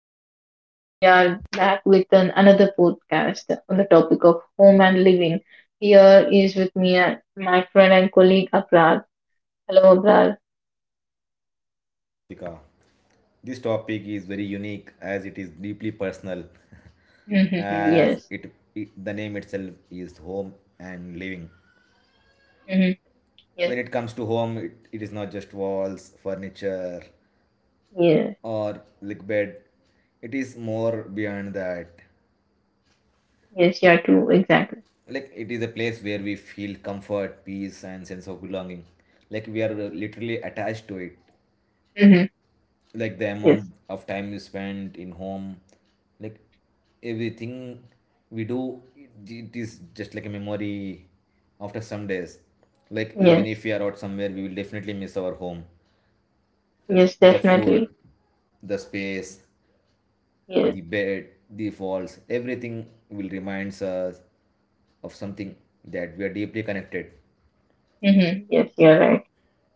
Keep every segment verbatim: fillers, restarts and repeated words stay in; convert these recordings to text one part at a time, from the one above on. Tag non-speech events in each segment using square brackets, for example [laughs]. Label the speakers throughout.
Speaker 1: everyone. Today we are back with an, another podcast on the topic of home and living. Here is with me uh, my friend and colleague Aprad. Hello, Aprad.
Speaker 2: Hello, Ritika. This topic is very unique as it is deeply personal, [laughs] as
Speaker 1: [laughs] Yes.
Speaker 2: it, it the name itself is home and living.
Speaker 1: hmm Yes.
Speaker 2: When it comes to home, it, it is not just walls, furniture,
Speaker 1: Yes.
Speaker 2: or like bed. It is more beyond that.
Speaker 1: Yes. You are true. Exactly.
Speaker 2: Like it is a place where we feel comfort, peace, and sense of belonging. Like we are literally attached to it.
Speaker 1: hmm
Speaker 2: Like the
Speaker 1: Yes.
Speaker 2: amount of time you spend in home, like everything we do, it it is just like a memory after some days. Like even
Speaker 1: Yes.
Speaker 2: if we are out somewhere, we will definitely miss our home. Uh,
Speaker 1: Yes.
Speaker 2: the
Speaker 1: Definitely.
Speaker 2: food, the space,
Speaker 1: Yes.
Speaker 2: the bed, the walls, everything will reminds us of something that we are deeply connected.
Speaker 1: hmm Yes. You're right.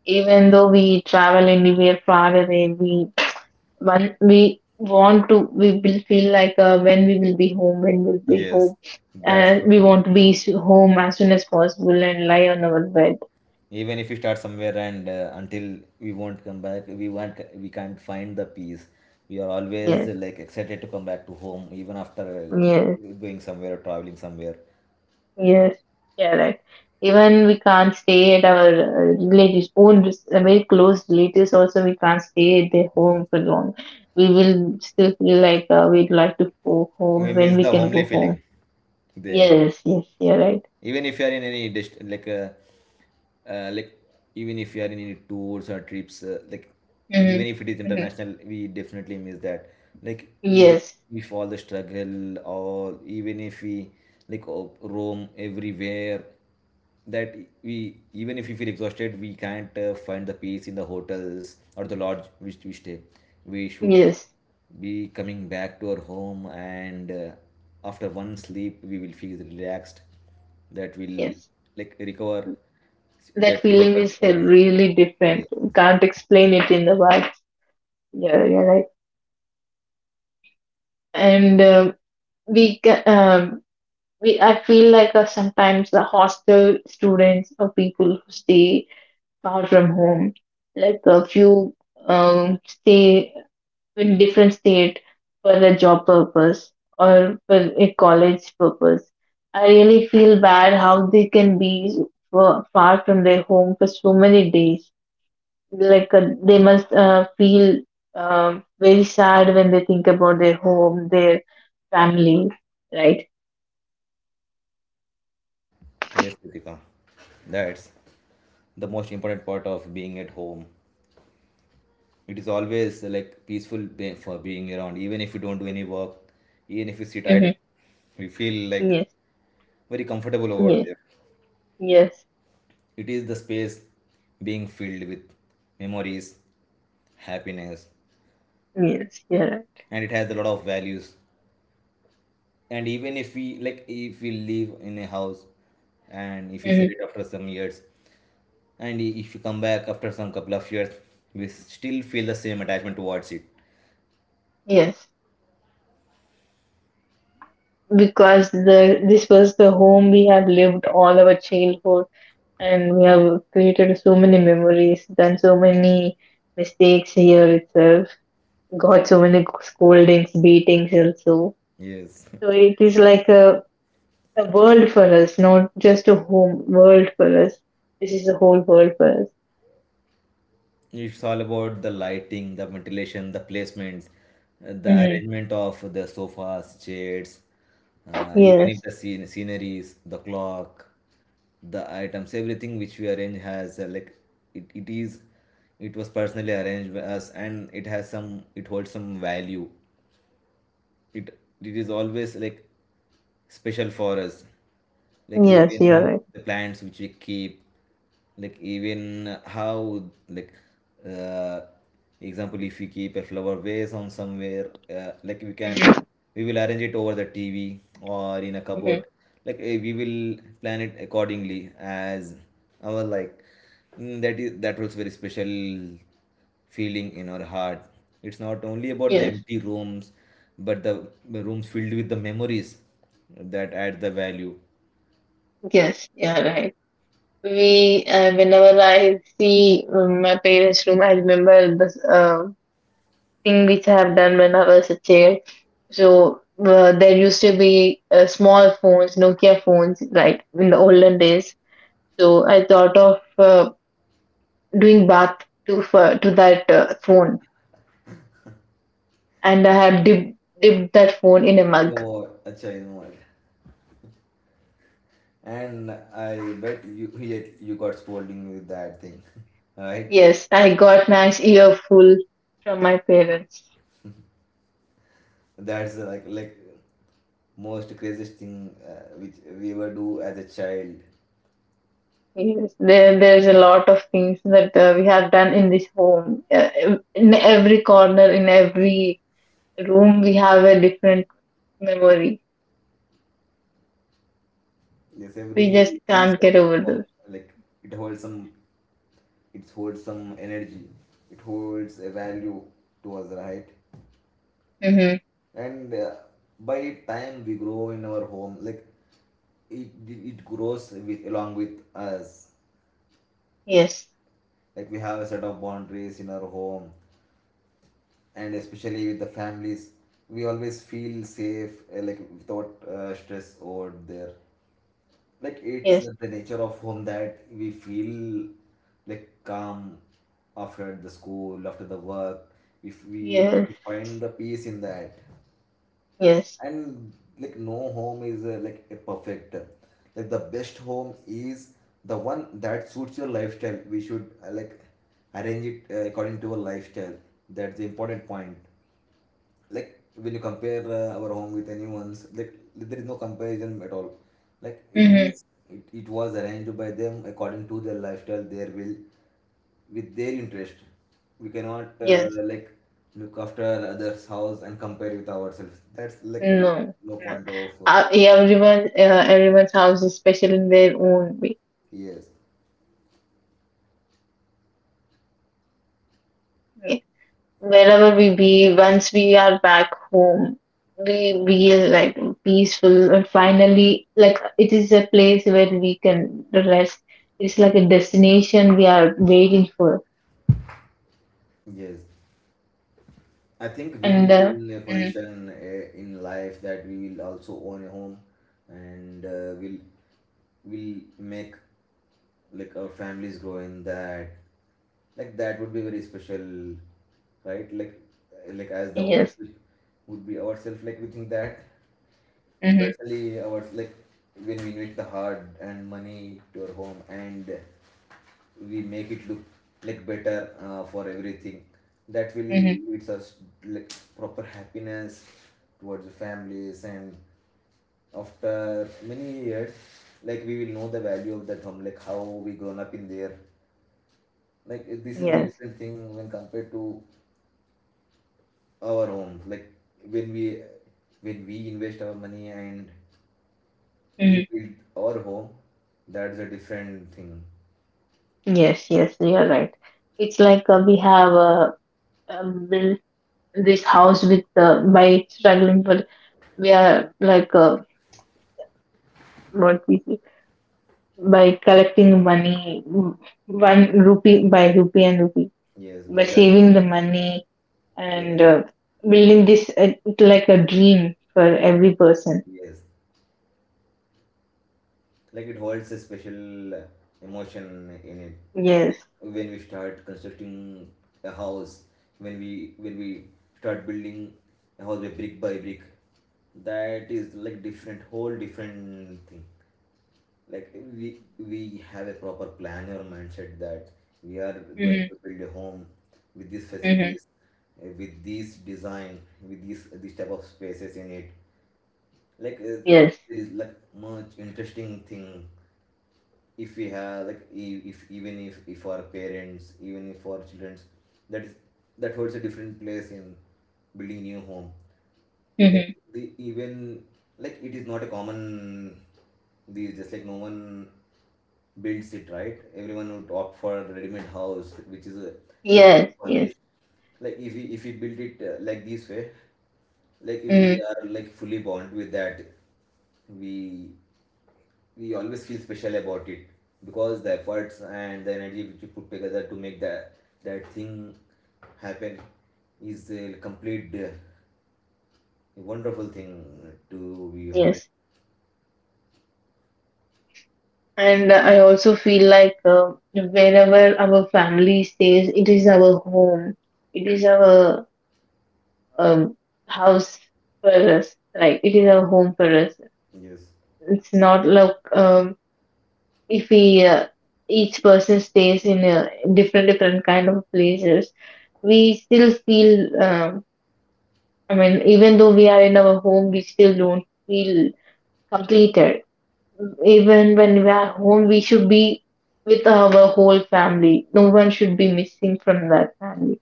Speaker 1: Even though we travel and we are far away, we one we want to we will feel like uh, when we will be home, when we'll be
Speaker 2: Yes,
Speaker 1: home,
Speaker 2: that's
Speaker 1: And
Speaker 2: for
Speaker 1: we
Speaker 2: true.
Speaker 1: want to be s- home as soon as possible and lie on our bed.
Speaker 2: Even if we start somewhere and uh, until we won't come back, we won't we can't find the peace. We are always
Speaker 1: Yes,
Speaker 2: uh, like excited to come back to home, even after
Speaker 1: yes,
Speaker 2: uh, going somewhere or traveling somewhere.
Speaker 1: yes, yeah, right. Even we can't stay at our uh, relatives' own res- uh, very close relatives. Also, we can't stay at their
Speaker 2: Yes.
Speaker 1: home for long. We will still feel like uh, we'd like to go
Speaker 2: We
Speaker 1: home when
Speaker 2: miss
Speaker 1: we
Speaker 2: the
Speaker 1: can go
Speaker 2: homely
Speaker 1: home.
Speaker 2: feeling there.
Speaker 1: Yes, yes, yeah, right.
Speaker 2: Even if you are in any dist- like uh, uh, like even if you are in any tours or trips uh, like
Speaker 1: hmm
Speaker 2: even if it is
Speaker 1: hmm
Speaker 2: international, we definitely miss that. Like even
Speaker 1: Yes,
Speaker 2: if all the struggle, or even if we like, oh, roam everywhere, that we, even if we feel exhausted, we can't uh, find the peace in the hotels or the lodge which we stay. We should
Speaker 1: yes,
Speaker 2: be coming back to our home, and uh, after one sleep we will feel relaxed. That will
Speaker 1: yes.
Speaker 2: like recover,
Speaker 1: That
Speaker 2: that will help
Speaker 1: feeling
Speaker 2: our
Speaker 1: is uh,
Speaker 2: recovery.
Speaker 1: really different.
Speaker 2: Yes.
Speaker 1: Can't explain it in the words. Yeah, you're right. And um we, ca- um, we, I feel like uh, sometimes the hostel students or people who stay far from home, like a few um, stay in different state for a job purpose or for a college purpose. I really feel bad how they can be for, far from their home for so many days. Like uh, they must uh, feel um, very sad when they think about their home, their family, right?
Speaker 2: Yes, Ritika, that's the most important part of being at home. It is always uh, like peaceful be- for being around, even if you don't do any work, even if you sit
Speaker 1: Mm-hmm.
Speaker 2: idle. We feel like
Speaker 1: Yes,
Speaker 2: very comfortable over
Speaker 1: yes,
Speaker 2: there.
Speaker 1: yes,
Speaker 2: It is the space being filled with memories, happiness,
Speaker 1: yes. You're right.
Speaker 2: and it has a lot of values. And even if we like, if we live in a house and if we
Speaker 1: hmm
Speaker 2: sell it after some years, and i- if you come back after some couple of years, we still feel the same attachment towards it.
Speaker 1: Yes, because the this was the home we have lived all our childhood and we have created so many memories, done so many mistakes here itself, got so many scoldings, beatings also.
Speaker 2: Yes. [laughs]
Speaker 1: So it is like a, a world for us, not just a home world for us. This is a whole world for us.
Speaker 2: It's all about the lighting, the ventilation, the placement, uh, the
Speaker 1: Hmm
Speaker 2: arrangement of the sofas, chairs, uh, even if
Speaker 1: Yes,
Speaker 2: the scene, sceneries, the clock, the items, everything which we arrange has uh, like, it, it is, it was personally arranged by us, and it has some, it holds some value. It it is always like special for us. Like
Speaker 1: yes, you're
Speaker 2: even
Speaker 1: right.
Speaker 2: the plants which we keep, like even how, like uh, example, if we keep a flower vase on somewhere, uh, like we can,
Speaker 1: Mm-hmm.
Speaker 2: we will arrange it over the tv or in a
Speaker 1: Mm-hmm.
Speaker 2: cupboard. Like eh, we will plan it accordingly as our like, mm, that is that was very special feeling in our heart. It's not only about the
Speaker 1: Yes,
Speaker 2: empty rooms, but the the rooms filled with the memories that add the value.
Speaker 1: yes, you're right. We uh, whenever I see um, my parents' room, I remember the thing which I have done when I was a child. So uh, there used to be uh, small phones, Nokia phones, like in the olden days. So I thought of uh, doing bath to for, to that uh, phone, and I have dip, dipped that phone in a
Speaker 2: You know
Speaker 1: mug.
Speaker 2: what? Acha, you know what? And I bet you yet you got scolding with that thing, [laughs] right?
Speaker 1: Yes, I got nice earful from my parents.
Speaker 2: That's like like most craziest thing uh, which we ever do as a child.
Speaker 1: Yes, there there's a lot of things that uh, we have done in this home. Uh, in every corner, in every room, we have a different memory.
Speaker 2: Yes,
Speaker 1: We just
Speaker 2: every piece
Speaker 1: can't
Speaker 2: of
Speaker 1: get
Speaker 2: the
Speaker 1: over
Speaker 2: form,
Speaker 1: this.
Speaker 2: like it holds some, it holds some energy. It holds a value to us, right?
Speaker 1: Mm-hmm.
Speaker 2: And uh, by time we grow in our home, like it it grows with along with us.
Speaker 1: Yes,
Speaker 2: Like we have a set of boundaries in our home, and especially with the families, we always feel safe uh, like without uh, stress over there. Like it's
Speaker 1: yes,
Speaker 2: the nature of home that we feel like calm after the school, after the work. If we
Speaker 1: yes,
Speaker 2: we find the peace in that.
Speaker 1: yes.
Speaker 2: And like no home is uh, like a perfect uh, like, the best home is the one that suits your lifestyle. We should uh, like arrange it uh, according to our lifestyle. That's the important point. Like when you compare uh, our home with anyone's, like there is no comparison at all. Like it
Speaker 1: Mm-hmm.
Speaker 2: is it, it was arranged by them according to their lifestyle, their will, with their interest. We cannot uh,
Speaker 1: Yes.
Speaker 2: like look after others' house and compare with ourselves. That's like a
Speaker 1: No,
Speaker 2: no
Speaker 1: no.
Speaker 2: point of uh,
Speaker 1: Uh, everyone, uh, everyone's house is special in their own way.
Speaker 2: yes,
Speaker 1: Yeah. Wherever we be, once we are back home, we feel like peaceful and finally, like it is a place where we can rest. It's like a destination we are waiting for.
Speaker 2: yes. I think we
Speaker 1: And
Speaker 2: will be
Speaker 1: uh,
Speaker 2: in a
Speaker 1: mhm,
Speaker 2: position uh, in life that we will also own a home, and uh, will will make like our families grow in that. Like that would be very special, right? Like like as the owners,
Speaker 1: yes,
Speaker 2: we would be ourselves, like we think that.
Speaker 1: mm-hmm,
Speaker 2: Especially our like, when we invest the hard and money to our home and we make it look like better uh, for everything. That will
Speaker 1: mm-hmm,
Speaker 2: leads us like proper happiness towards the families, and after many years, like we will know the value of that home, like how we grown up in there. Like this is the
Speaker 1: yes.
Speaker 2: different thing when compared to our home. Like when we when we invest our money and we
Speaker 1: Mhm.
Speaker 2: built our home, that's a different thing.
Speaker 1: Yes, yes, you are right. It's like uh, we have uh, um, built this house with uh, by struggling for we are like uh, what we say, by collecting money, mm, one rupee by rupee and rupee
Speaker 2: Yes,
Speaker 1: by
Speaker 2: by joining
Speaker 1: saving
Speaker 2: as
Speaker 1: the money and
Speaker 2: parents.
Speaker 1: uh, building this uh, it's like a dream for every person.
Speaker 2: Yes, like it holds a special uh, emotion in it.
Speaker 1: Yes.
Speaker 2: Like when we start constructing a house, when we when we start building a house by brick by brick, that is like different, whole different thing. Like we we have a proper plan or mindset that we are going
Speaker 1: Mm-hmm.
Speaker 2: to build a home with these
Speaker 1: Mm-hmm.
Speaker 2: facilities, uh, with this design, with these this type of spaces in it. Like uh,
Speaker 1: Yes.
Speaker 2: there is like much interesting thing. If we have like, e- if even if if our parents, even if our children, that is that holds a different place in building new home. Like
Speaker 1: Mm-hmm.
Speaker 2: the even, like it is not a common. These just like, no one builds it, right? Everyone would opt for ready-made house, which is a, like
Speaker 1: Yes. Yes.
Speaker 2: furnished. Like if we if we build it uh, like this way, like
Speaker 1: Mm-hmm.
Speaker 2: we are like fully bond with that. We we always feel special about it, because the efforts and the energy which we put together to make that that thing happen is a complete uh, wonderful thing, to be honest.
Speaker 1: Yes. And I also feel like uh, whenever our family stays, it is our home. It is our um, house for us. Like it is our home for us.
Speaker 2: Yes,
Speaker 1: It's not like um, if we uh, each person stays in a different different kind of places, we still feel. Um, I mean, even though we are in our home, we still don't feel completed. Even when we are home, we should be with our whole family. No one should be missing from that family.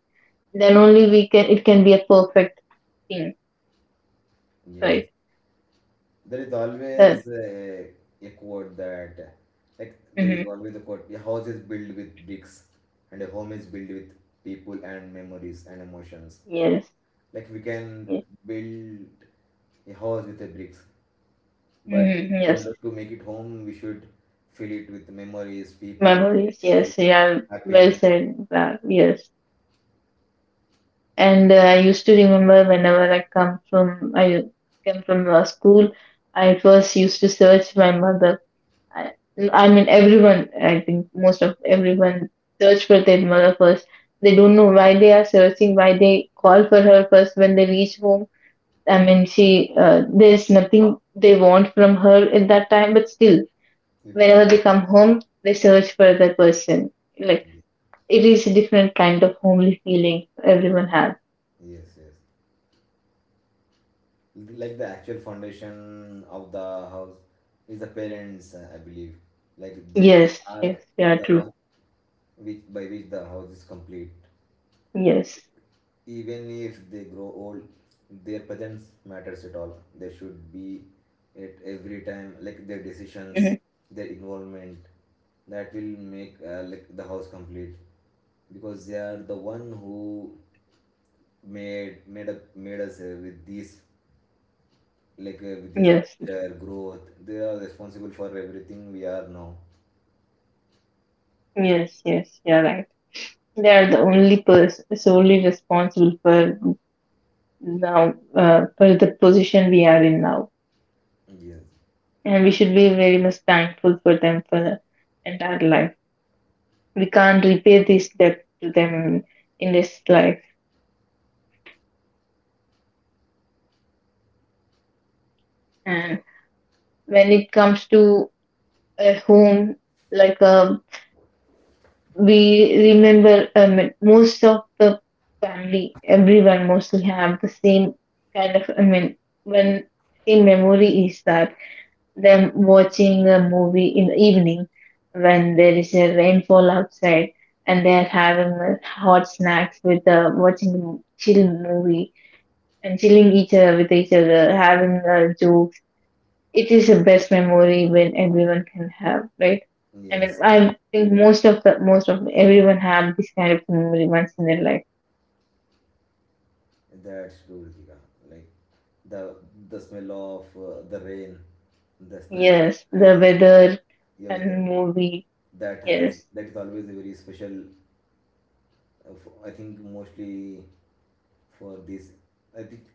Speaker 1: Then only we can. It can be a perfect thing, right?
Speaker 2: yes. There is
Speaker 1: That.
Speaker 2: always a, a quote that, like, there is
Speaker 1: Hmm
Speaker 2: always a quote, a house is built with bricks and a home is built with people and memories and emotions.
Speaker 1: Yes.
Speaker 2: Like, we can
Speaker 1: Yes.
Speaker 2: build a house with the bricks, but
Speaker 1: hmm
Speaker 2: in
Speaker 1: Yes.
Speaker 2: order to make it home, we should fill it with memories, people,
Speaker 1: Memories. Yes.
Speaker 2: relationships,
Speaker 1: Yeah. Well
Speaker 2: happiness,
Speaker 1: said. That. Yes. And uh, I used to remember whenever I come from I come from uh, school, I first used to search my mother I, I mean, everyone, I think most of everyone search for their mother first. They don't know why they are searching, why they call for her first when they reach home. I mean, she, uh, there's nothing they want from her at that time, but still,
Speaker 2: we call
Speaker 1: whenever
Speaker 2: them.
Speaker 1: they come home, they search for that person. Like, it is a different kind of homely feeling everyone has.
Speaker 2: Yes, yes. Like the actual foundation of the house is the parents, uh, I believe. Like they
Speaker 1: Yes,
Speaker 2: are
Speaker 1: yes, yeah,
Speaker 2: the
Speaker 1: true.
Speaker 2: one which, by which the house is complete.
Speaker 1: Yes.
Speaker 2: Even if they grow old, their presence matters at all. They should be at every time, like their decisions,
Speaker 1: hmm
Speaker 2: their involvement, that will make uh, like the house complete, because they are the one who made made up made us uh, with these, like uh, with this
Speaker 1: Yes,
Speaker 2: culture growth. They are responsible for everything we are now.
Speaker 1: yes, yes, you're right. They are the only person solely responsible for now, uh, for the position we are in now,
Speaker 2: Yes.
Speaker 1: and we should be very much thankful for them for entire life. We can't repay this debt to them in this life. And when it comes to a home, like a, we remember, um, most of the family everyone mostly have the same kind of, I mean, when same memory is that them watching a movie in the evening when there is a rainfall outside and they're having uh, hot snacks with uh, watching a chill movie and chilling each other with each other, having uh, jokes. It is the best memory when everyone can have, right? I mean,
Speaker 2: Yes,
Speaker 1: I think most of the most of everyone have this kind of memory once in their life.
Speaker 2: that's true, Ritika. Like the the smell of uh, the rain, the snack,
Speaker 1: Yes,
Speaker 2: and
Speaker 1: the weather
Speaker 2: yeah, with the,
Speaker 1: and movie.
Speaker 2: that has
Speaker 1: Yes,
Speaker 2: that is always a very special uh, f- I think mostly for this. I think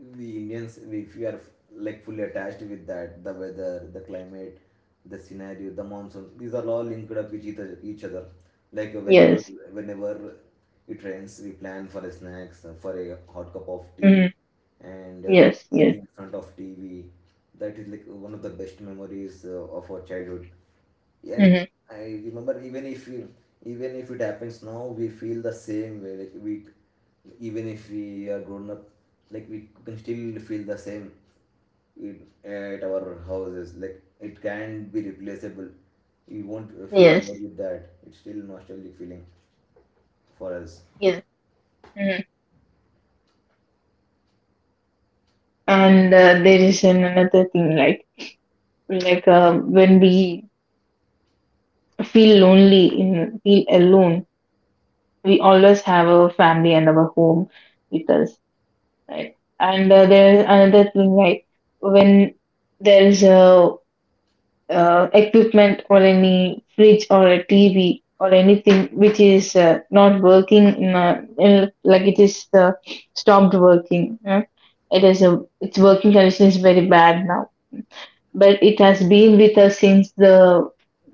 Speaker 2: the Indians, if you are like fully attached with that, the weather, the climate, the scenario, the monsoon, these are all linked up with each other. Each other. Like uh, whenever,
Speaker 1: yes,
Speaker 2: whenever it rains, we plan for a snacks, uh, for a hot cup of tea,
Speaker 1: mm-hmm.
Speaker 2: and uh,
Speaker 1: Yes, yes,
Speaker 2: sitting in front of T V. That is like one of the best memories uh, of our childhood. And
Speaker 1: mm-hmm.
Speaker 2: I remember, even if you, even if it happens now, we feel the same way. Like we, even if we are grown up, like we can still feel the same it, at our houses. Like it can be replaceable. We won't uh, feel
Speaker 1: Yes,
Speaker 2: bored with that. It's still nostalgic feeling for us.
Speaker 1: yes. Mm. And uh, there is an another thing like like uh, when we feel lonely in feel alone, we always have our family and our home with us, right? And uh, there's another thing like when there is a uh, equipment or any fridge or a T V or anything which is uh, not working in a, in, like it is uh, stopped working. Yeah? It is a, its working condition is very bad now, but it has been with us since the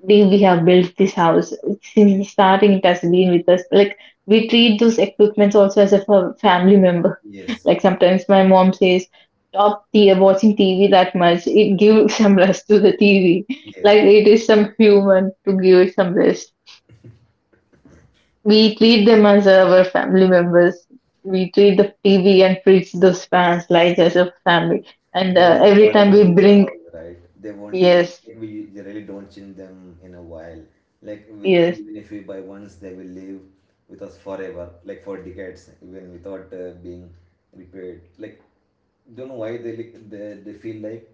Speaker 1: day we have built this house. Since the starting, it has been with us. Like we treat those equipments also as a fa- family member. [laughs]
Speaker 2: Yes,
Speaker 1: Like sometimes my mom says, "Stop the watching T V that much. It gives [laughs] some rest to
Speaker 2: yes,
Speaker 1: the T V.
Speaker 2: [laughs] yes.
Speaker 1: Like it is some human to give it some rest." We treat them as our family members. We treat the T V and fridge, those fans, lights as a family. And
Speaker 2: They
Speaker 1: uh,
Speaker 2: live
Speaker 1: every time
Speaker 2: forever
Speaker 1: we
Speaker 2: with the
Speaker 1: bring,
Speaker 2: house, right? They won't even,
Speaker 1: yes,
Speaker 2: like, we really don't change them in a while. Like, we,
Speaker 1: yes.
Speaker 2: even if we buy once, they will live with us forever, like for decades, even without uh, being repaired. Like, don't know why they, like, they, they feel like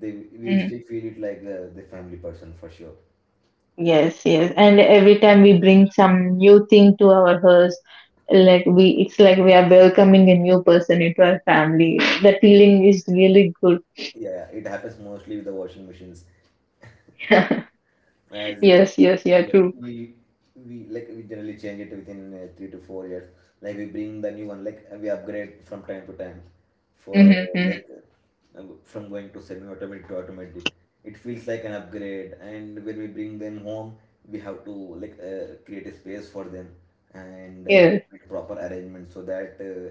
Speaker 2: they we will
Speaker 1: Mm-hmm.
Speaker 2: still feel it like uh, the family person for sure.
Speaker 1: Yes, yes. And every time we bring some new thing to our house, like we, it's like we are welcoming a new person into our family. The feeling is really good.
Speaker 2: Yeah, it happens mostly with the washing machines.
Speaker 1: [laughs]
Speaker 2: As uh,
Speaker 1: Yes, yes, yeah,
Speaker 2: yeah,
Speaker 1: true.
Speaker 2: we we like we generally change it within uh, three to four years. Like we bring the new one, like uh, we upgrade from time to time for
Speaker 1: Mm-hmm,
Speaker 2: uh,
Speaker 1: mm-hmm.
Speaker 2: like uh, from going to semi-automatic to automatic. It feels like an upgrade, and when we bring them home we have to like uh, create a space for them, and uh,
Speaker 1: Yes,
Speaker 2: make proper arrangement so that uh,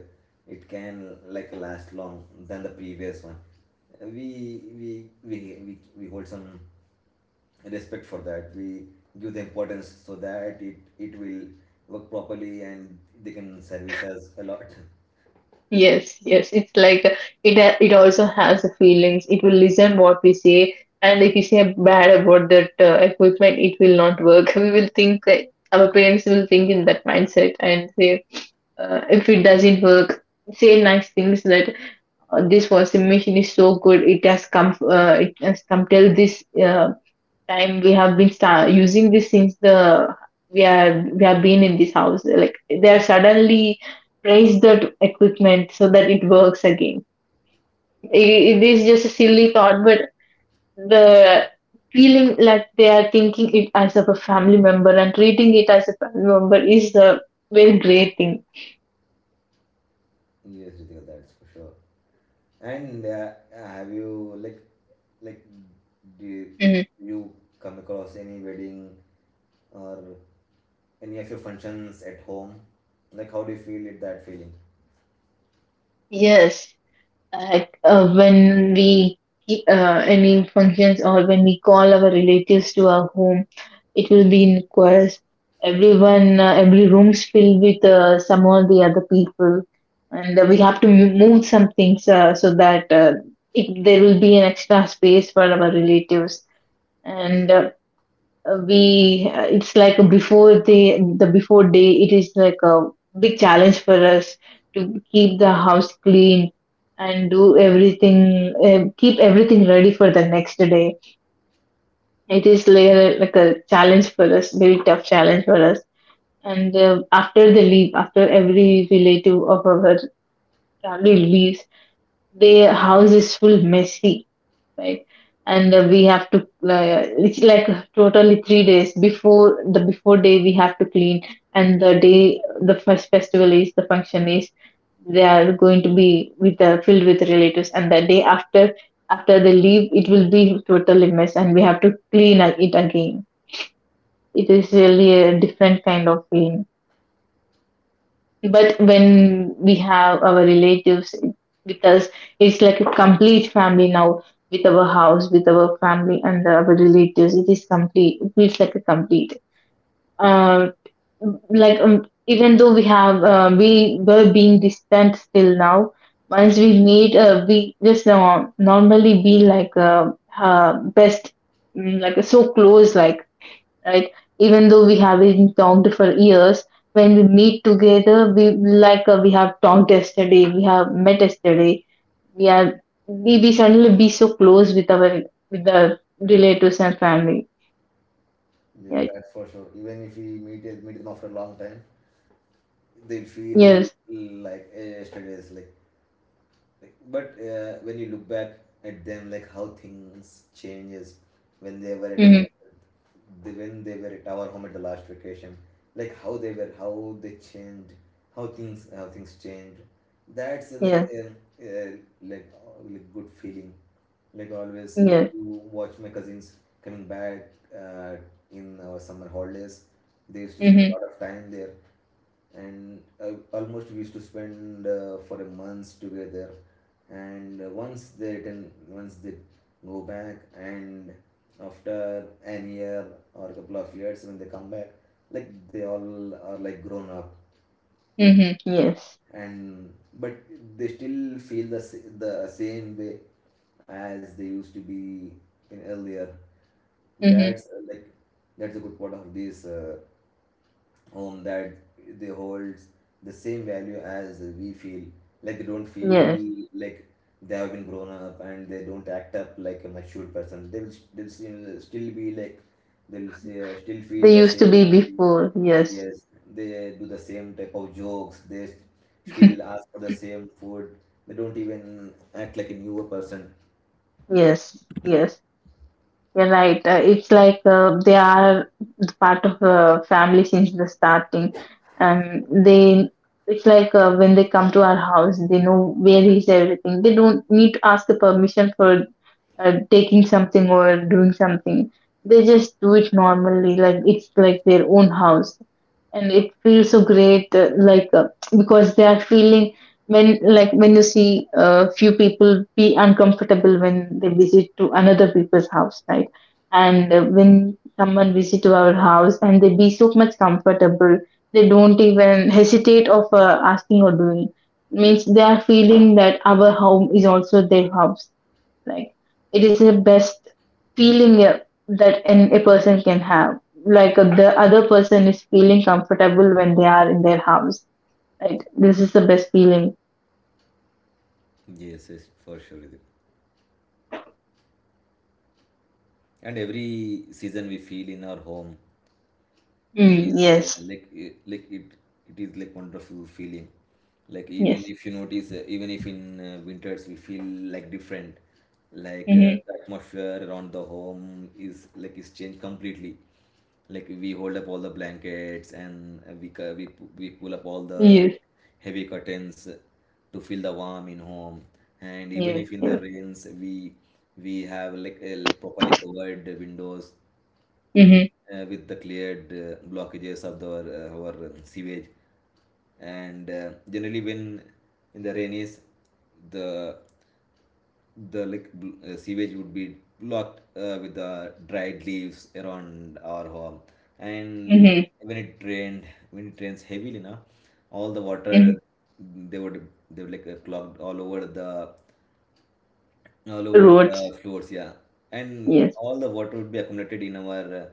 Speaker 2: it can like last long than the previous one. We we we we, we hold some respect for that. We give the importance so that it it will work properly and they can service us a lot.
Speaker 1: yes, yes. It's like uh, it. ha- It also has the feelings. It will listen what we say, and if we say bad about that uh, equipment, it will not work. [laughs] We will think, uh, our parents will think in that mindset and say, uh, if it doesn't work, say nice things that uh, this washing machine is so good, it has come, uh, it has come till this uh, time, we have been sta using this since the we are we have been in this house, like they are suddenly praised that equipment so that it works again. it, it is just a silly thought, but the feeling like they are thinking it as of a family member and treating it as a family member is a very great thing.
Speaker 2: [laughs] Yes, Ritika, that's for sure. And uh, have you like like do you, like
Speaker 1: Mhm.
Speaker 2: you come across any wedding or any of your functions at home? Like how do you feel it that feeling?
Speaker 1: Yes, like uh, when we keep uh, any functions or when we call our relatives to our home, it will be in chorus, everyone, uh, every room's filled with uh, some or the other people, and uh, we have to mo- move some things uh, so that, uh, it, there will be an extra space for our relatives, and uh, uh, we uh, it's like before the the before day, it is like a big challenge for us to keep the house clean and do everything, uh, keep everything ready for the next day. It is like, like a challenge for us, very tough challenge for us. And uh, after the leave, after every relative of our family leaves, their house is full messy, right? And
Speaker 2: Yes,
Speaker 1: uh, we have to, uh, it's like totally three days before the before day we have to clean, and the day the first festival is the function is they are going to be with uh, filled with relatives, and the day after after they leave it will be totally mess, and we have to clean it again. It is really a different kind of feeling. But when we have our relatives with us, it's like a complete family now with our house, with our family and our relatives. It is complete. It feels like a complete. Uh, like um, even though we have uh, we were being distant still now, once we meet, uh, we just uh, normally be like uh, uh, best, mm, like so close, like right? Even though we haven't talked for years, when we meet together, we like uh, we have talked yesterday, we have met yesterday. We are we, we suddenly be so close with our with the relatives and family.
Speaker 2: yes,
Speaker 1: Right?
Speaker 2: that's for sure. Even if we meet meet them after a long time, they feel
Speaker 1: Yes.
Speaker 2: like uh, yesterday's like. Like, but uh, when you look back at them, like how things changes when they were at the,
Speaker 1: Mm-hmm.
Speaker 2: they, when they were at our home at the last vacation, like how they were, how they changed, how things how things changed. That's uh, like
Speaker 1: Yes.
Speaker 2: uh, uh, like uh, like good feeling. Like always used
Speaker 1: Yes.
Speaker 2: to watch my cousins coming back uh, in our summer holidays. They used to spend a
Speaker 1: Mm-hmm.
Speaker 2: lot of time there, and uh, almost we used to spend uh, for a month together, and uh, once they return, once they go back, and after an year or a couple of years when they come back, like they all are like grown up
Speaker 1: Mm-hmm. Yes.
Speaker 2: and but they still feel the, the same way as they used to be in earlier.
Speaker 1: Mm-hmm.
Speaker 2: That's uh, like that's a good part of this uh, home, that they hold the same value as we feel. Like they don't
Speaker 1: Yes.
Speaker 2: feel like they have been grown up, and they don't act up like a mature person. They will, they'll still still be like they'll say, still feel
Speaker 1: They
Speaker 2: the
Speaker 1: used to be
Speaker 2: same.
Speaker 1: before. Yes.
Speaker 2: Yes, they do the same type of jokes. They still
Speaker 1: [laughs]
Speaker 2: ask for the same food. They don't even act like a newer person.
Speaker 1: Yes, yes, you're right. Uh, it's like uh, they are the part of a family since the starting and they it's like uh, when they come to our house they know where is everything, they don't need to ask the permission for uh, taking something or doing something. They just do it normally like it's like their own house, and it feels so great, uh, like uh, because they are feeling when, like when you see a uh, few people be uncomfortable when they visit to another people's house, right? And uh, when someone visit to our house and they be so much comfortable, they don't even hesitate of uh, asking or doing, means they are feeling that our home is also their house, like it is the best feeling uh, that an, a person can have, like uh, the other person is feeling comfortable when they are in their house. Right? This is the best feeling.
Speaker 2: Yes, yes, for sure, Ridhik. And every season we feel in our home
Speaker 1: Mm,
Speaker 2: is uh,
Speaker 1: yes.
Speaker 2: like uh, like it it is like wonderful feeling. Like even
Speaker 1: Yes.
Speaker 2: if you notice, uh, even if in uh, winters we feel like different, like uh,
Speaker 1: Mm-hmm.
Speaker 2: the atmosphere around the home is like is changed completely. Like we hold up all the blankets, and uh, we cu- we pu- we pull up all the
Speaker 1: Yes.
Speaker 2: like heavy curtains uh, to feel the warm in home. And even
Speaker 1: Yes.
Speaker 2: if in the
Speaker 1: Yes.
Speaker 2: rains, we we have like uh, like properly covered windows,
Speaker 1: Mm-hmm.
Speaker 2: uh, with the cleared uh, blockages of the, uh, our um, sewage. And uh, generally when in the rainies, the the like bl- uh, sewage would be blocked uh, with the dried leaves around our home. And
Speaker 1: Mm-hmm.
Speaker 2: when it rained when it rains heavily now, all the
Speaker 1: Mm-hmm.
Speaker 2: water, they would they would like uh, clogged all over the all over
Speaker 1: Roads.
Speaker 2: the floors, yeah. And
Speaker 1: Yes.
Speaker 2: all the water would be accumulated in our uh,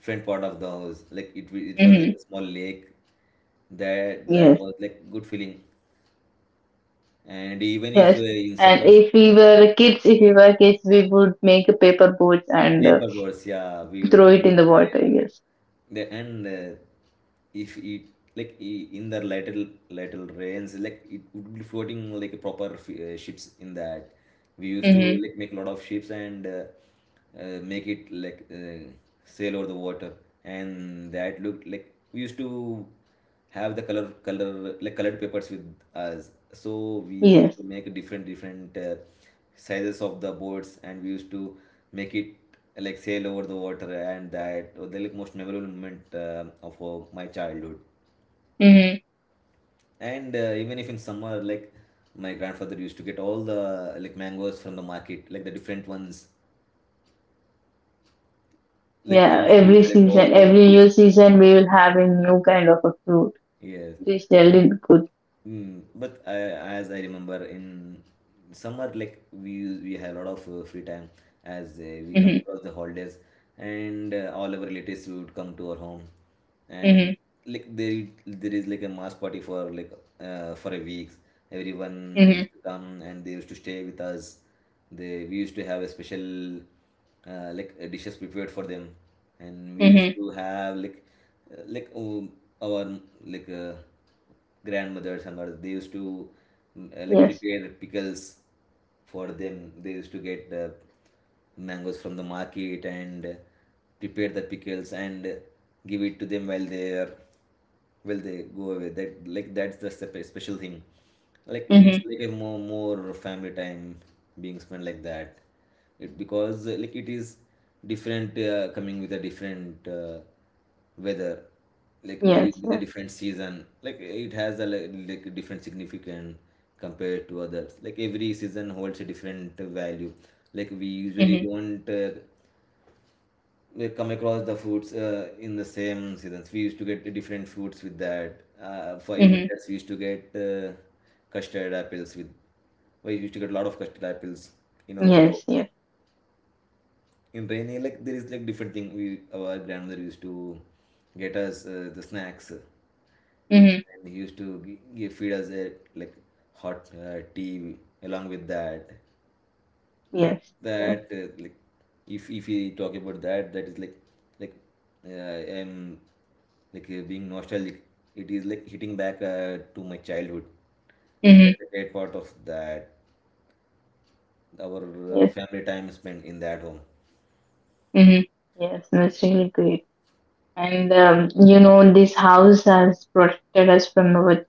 Speaker 2: front part of the house. Like it, wa- it was like
Speaker 1: Mm-hmm.
Speaker 2: a small lake. That that
Speaker 1: Yes.
Speaker 2: was like good feeling. And even if
Speaker 1: Yes,
Speaker 2: uh, in
Speaker 1: and
Speaker 2: summer,
Speaker 1: if we were kids, if we were kids, we would make a paper boats and uh,
Speaker 2: paper boards, yeah, we
Speaker 1: throw
Speaker 2: we
Speaker 1: it in
Speaker 2: would,
Speaker 1: the
Speaker 2: uh,
Speaker 1: water.
Speaker 2: yeah.
Speaker 1: Yes.
Speaker 2: The, and uh, if it, like i- in the lateral lateral rains, like it would be floating like a proper f- uh, ships in that. We used to
Speaker 1: Mm-hmm.
Speaker 2: like make a lot of ships, and uh, uh, make it like uh, sail over the water, and that looked like. We used to have the color color like colored papers with us, so we used
Speaker 1: Yes.
Speaker 2: to make different different uh, sizes of the boards, and we used to make it uh, like sail over the water, and that was the like most memorable moment uh, of uh, my childhood.
Speaker 1: Mm-hmm.
Speaker 2: And uh, even if in summer, like my grandfather used to get all the like mangoes from the market, like the different ones, like he
Speaker 1: Yeah.
Speaker 2: used to
Speaker 1: Every
Speaker 2: collect
Speaker 1: season,
Speaker 2: all,
Speaker 1: every
Speaker 2: yes.
Speaker 1: new season, we will have a new kind of a fruit.
Speaker 2: Yes,
Speaker 1: This
Speaker 2: but
Speaker 1: really good.
Speaker 2: mm, but I, as I remember in summer, like we we have a lot of uh, free time as uh, we come
Speaker 1: Mm-hmm.
Speaker 2: across the holidays, and uh, all our relatives would come to our home, and
Speaker 1: Mm-hmm.
Speaker 2: like there there is like a mass party for like uh, for a week. Everyone
Speaker 1: Mm-hmm.
Speaker 2: used to come and they used to stay with us. They we used to have a special uh, like uh, dishes prepared for them, and we
Speaker 1: Mm-hmm.
Speaker 2: used to have like uh, like um, our like uh, grandmothers and all. They used to mm, uh, like
Speaker 1: Yes.
Speaker 2: prepare pickles for them. They used to get uh, mangoes from the market, and uh, prepare the pickles, and uh, give it to them while they are will they go away. That like that's the sep- special thing, like it's
Speaker 1: Mm-hmm.
Speaker 2: like a more more family time being spent like that. It because uh, like it is different, uh, coming with a different uh, weather, like with,
Speaker 1: Yes.
Speaker 2: with a
Speaker 1: Yes.
Speaker 2: different season, like it has a like, like a different significant compared to others, like every season holds a different value. Like we usually
Speaker 1: Mm-hmm.
Speaker 2: don't uh, we come across the fruits uh, in the same seasons. We used to get different fruits with that. Uh, for in
Speaker 1: Mm-hmm.
Speaker 2: winters, we used to get uh, custard apples with. We used to get a lot of custard apples in our home.
Speaker 1: Yes. Yes.
Speaker 2: In rainy, like there is like different thing. We our grandmother used to get us uh, the snacks,
Speaker 1: Mm-hmm.
Speaker 2: and he used to gi- give feed us a like hot uh, tea along with that. Like
Speaker 1: Yes. Yes.
Speaker 2: that uh, like if if we talk about that, that is like like uh, I'm like uh, being nostalgic. It is like hitting back uh, to my childhood.
Speaker 1: Mm-hmm.
Speaker 2: That's a great part of that, our uh,
Speaker 1: Yes.
Speaker 2: family time spent in that home.
Speaker 1: Mm-hmm. Yes. That's really great. And um, you know, this house has protected us from our,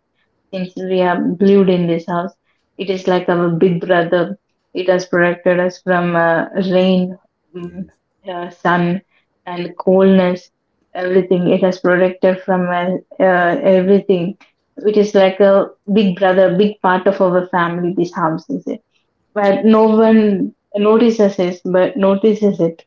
Speaker 1: since we have lived in this house, it is like our big brother. It has protected us from uh, rain, mm,
Speaker 2: Yes,
Speaker 1: uh, sun, and coldness. Everything, it has protected from uh, uh, everything. It is like a big brother, big part of our family, this house is it. But no one notices it, but notices it.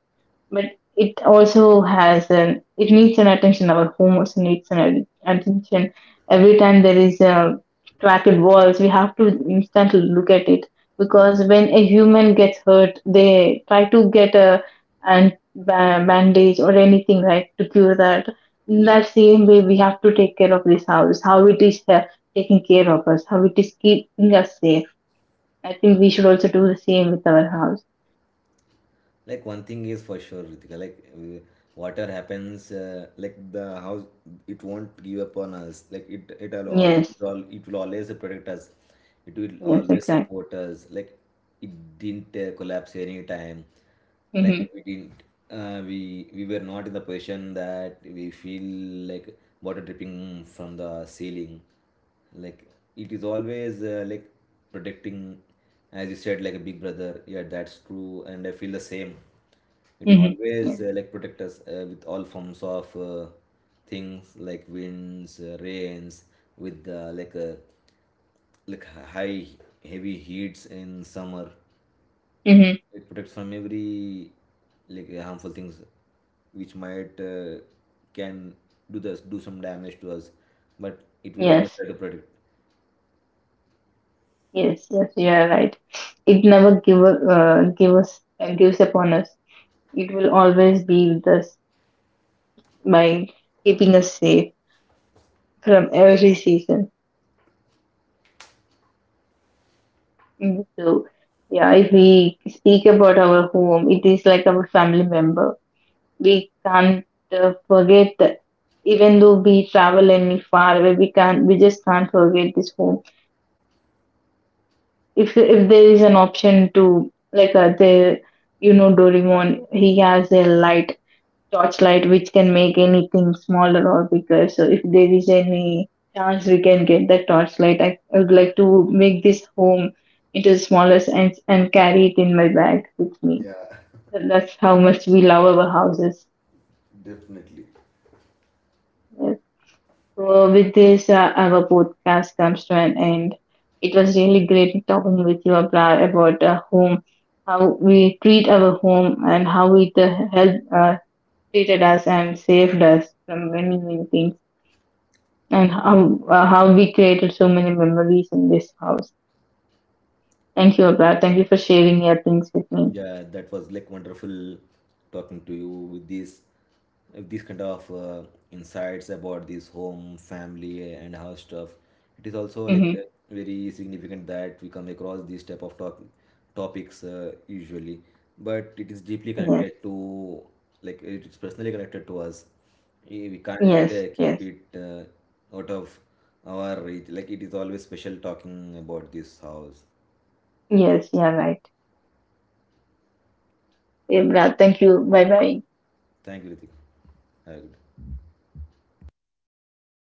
Speaker 1: But it also has an, it needs an attention. Our home also needs an ad- attention. Every time there is a cracked walls, we have to instantly look at it, because
Speaker 2: yes,
Speaker 1: when a human gets hurt, they try to get a and ba- bandage or anything, right, to cure that. In
Speaker 2: yes,
Speaker 1: that same way, we have to take care of this house. How it is uh, taking care of us. How it is keeping us safe. I think we should also do the same with our house.
Speaker 2: like one thing is for sure, Ritika, like uh, water happens uh, like the house it won't give up on us, like it it will al- it
Speaker 1: Yes.
Speaker 2: will al- it will always protect us, it will
Speaker 1: Yes.
Speaker 2: always
Speaker 1: Exactly.
Speaker 2: support us. Like it didn't uh, collapse any time, like
Speaker 1: Mm-hmm.
Speaker 2: we didn't uh, we we were not in the position that we feel like water dripping from the ceiling. Like it is always uh, like protecting, as you said, like a big brother, yeah, that's true, and I feel the same. It
Speaker 1: Mm-hmm.
Speaker 2: always
Speaker 1: Yes.
Speaker 2: uh, like protect us uh, with all forms of uh, things like winds, uh, rains, with uh, like uh, like high heavy heats in summer.
Speaker 1: Mm-hmm.
Speaker 2: It protects from every like harmful things which might uh, can do this do some damage to us, but it will always
Speaker 1: Yes,
Speaker 2: try to protect.
Speaker 1: yes, yes, you are right. It never give up, uh, give us uh, gives upon us. It will always be with us by keeping us safe from every season. Mm. So, yeah, if we speak about our home, it is like our family member. We can't uh, forget that. Even though we travel any far away, we can't. We just can't forget this home. If if there is an option to like uh, the you know Doraemon, he has a light torchlight which can make anything smaller or bigger, so if there is any chance we can get that torchlight, I, I would like to make this home into the smallest and and carry it in my bag with me. That's how much we love our houses. So, with this, uh, our podcast comes to an end. It was really great talking with you, Abra, about uh, home, how we treat our home, and how it uh, helped uh, treated us and saved us from many many things, and how uh, how we created so many memories in this house. Thank you, Abra. Thank you for sharing your things with me.
Speaker 2: Yeah, that was like wonderful talking to you with this, with these kind of uh, insights about this home, family, and house stuff. It is also like
Speaker 1: Hmm.
Speaker 2: uh, very significant that we come across these type of talk topics uh, usually, but it is deeply
Speaker 1: Yes,
Speaker 2: connected to, like it is personally connected to us. Eh, We
Speaker 1: yes,
Speaker 2: can't uh,
Speaker 1: yes,
Speaker 2: keep it uh, out of our reach. Like it is always special talking about this house.
Speaker 1: yes. Yeah, right. Hey, Abra, thank you. Bye, bye.
Speaker 2: Thank you, Ritik. Have a good day.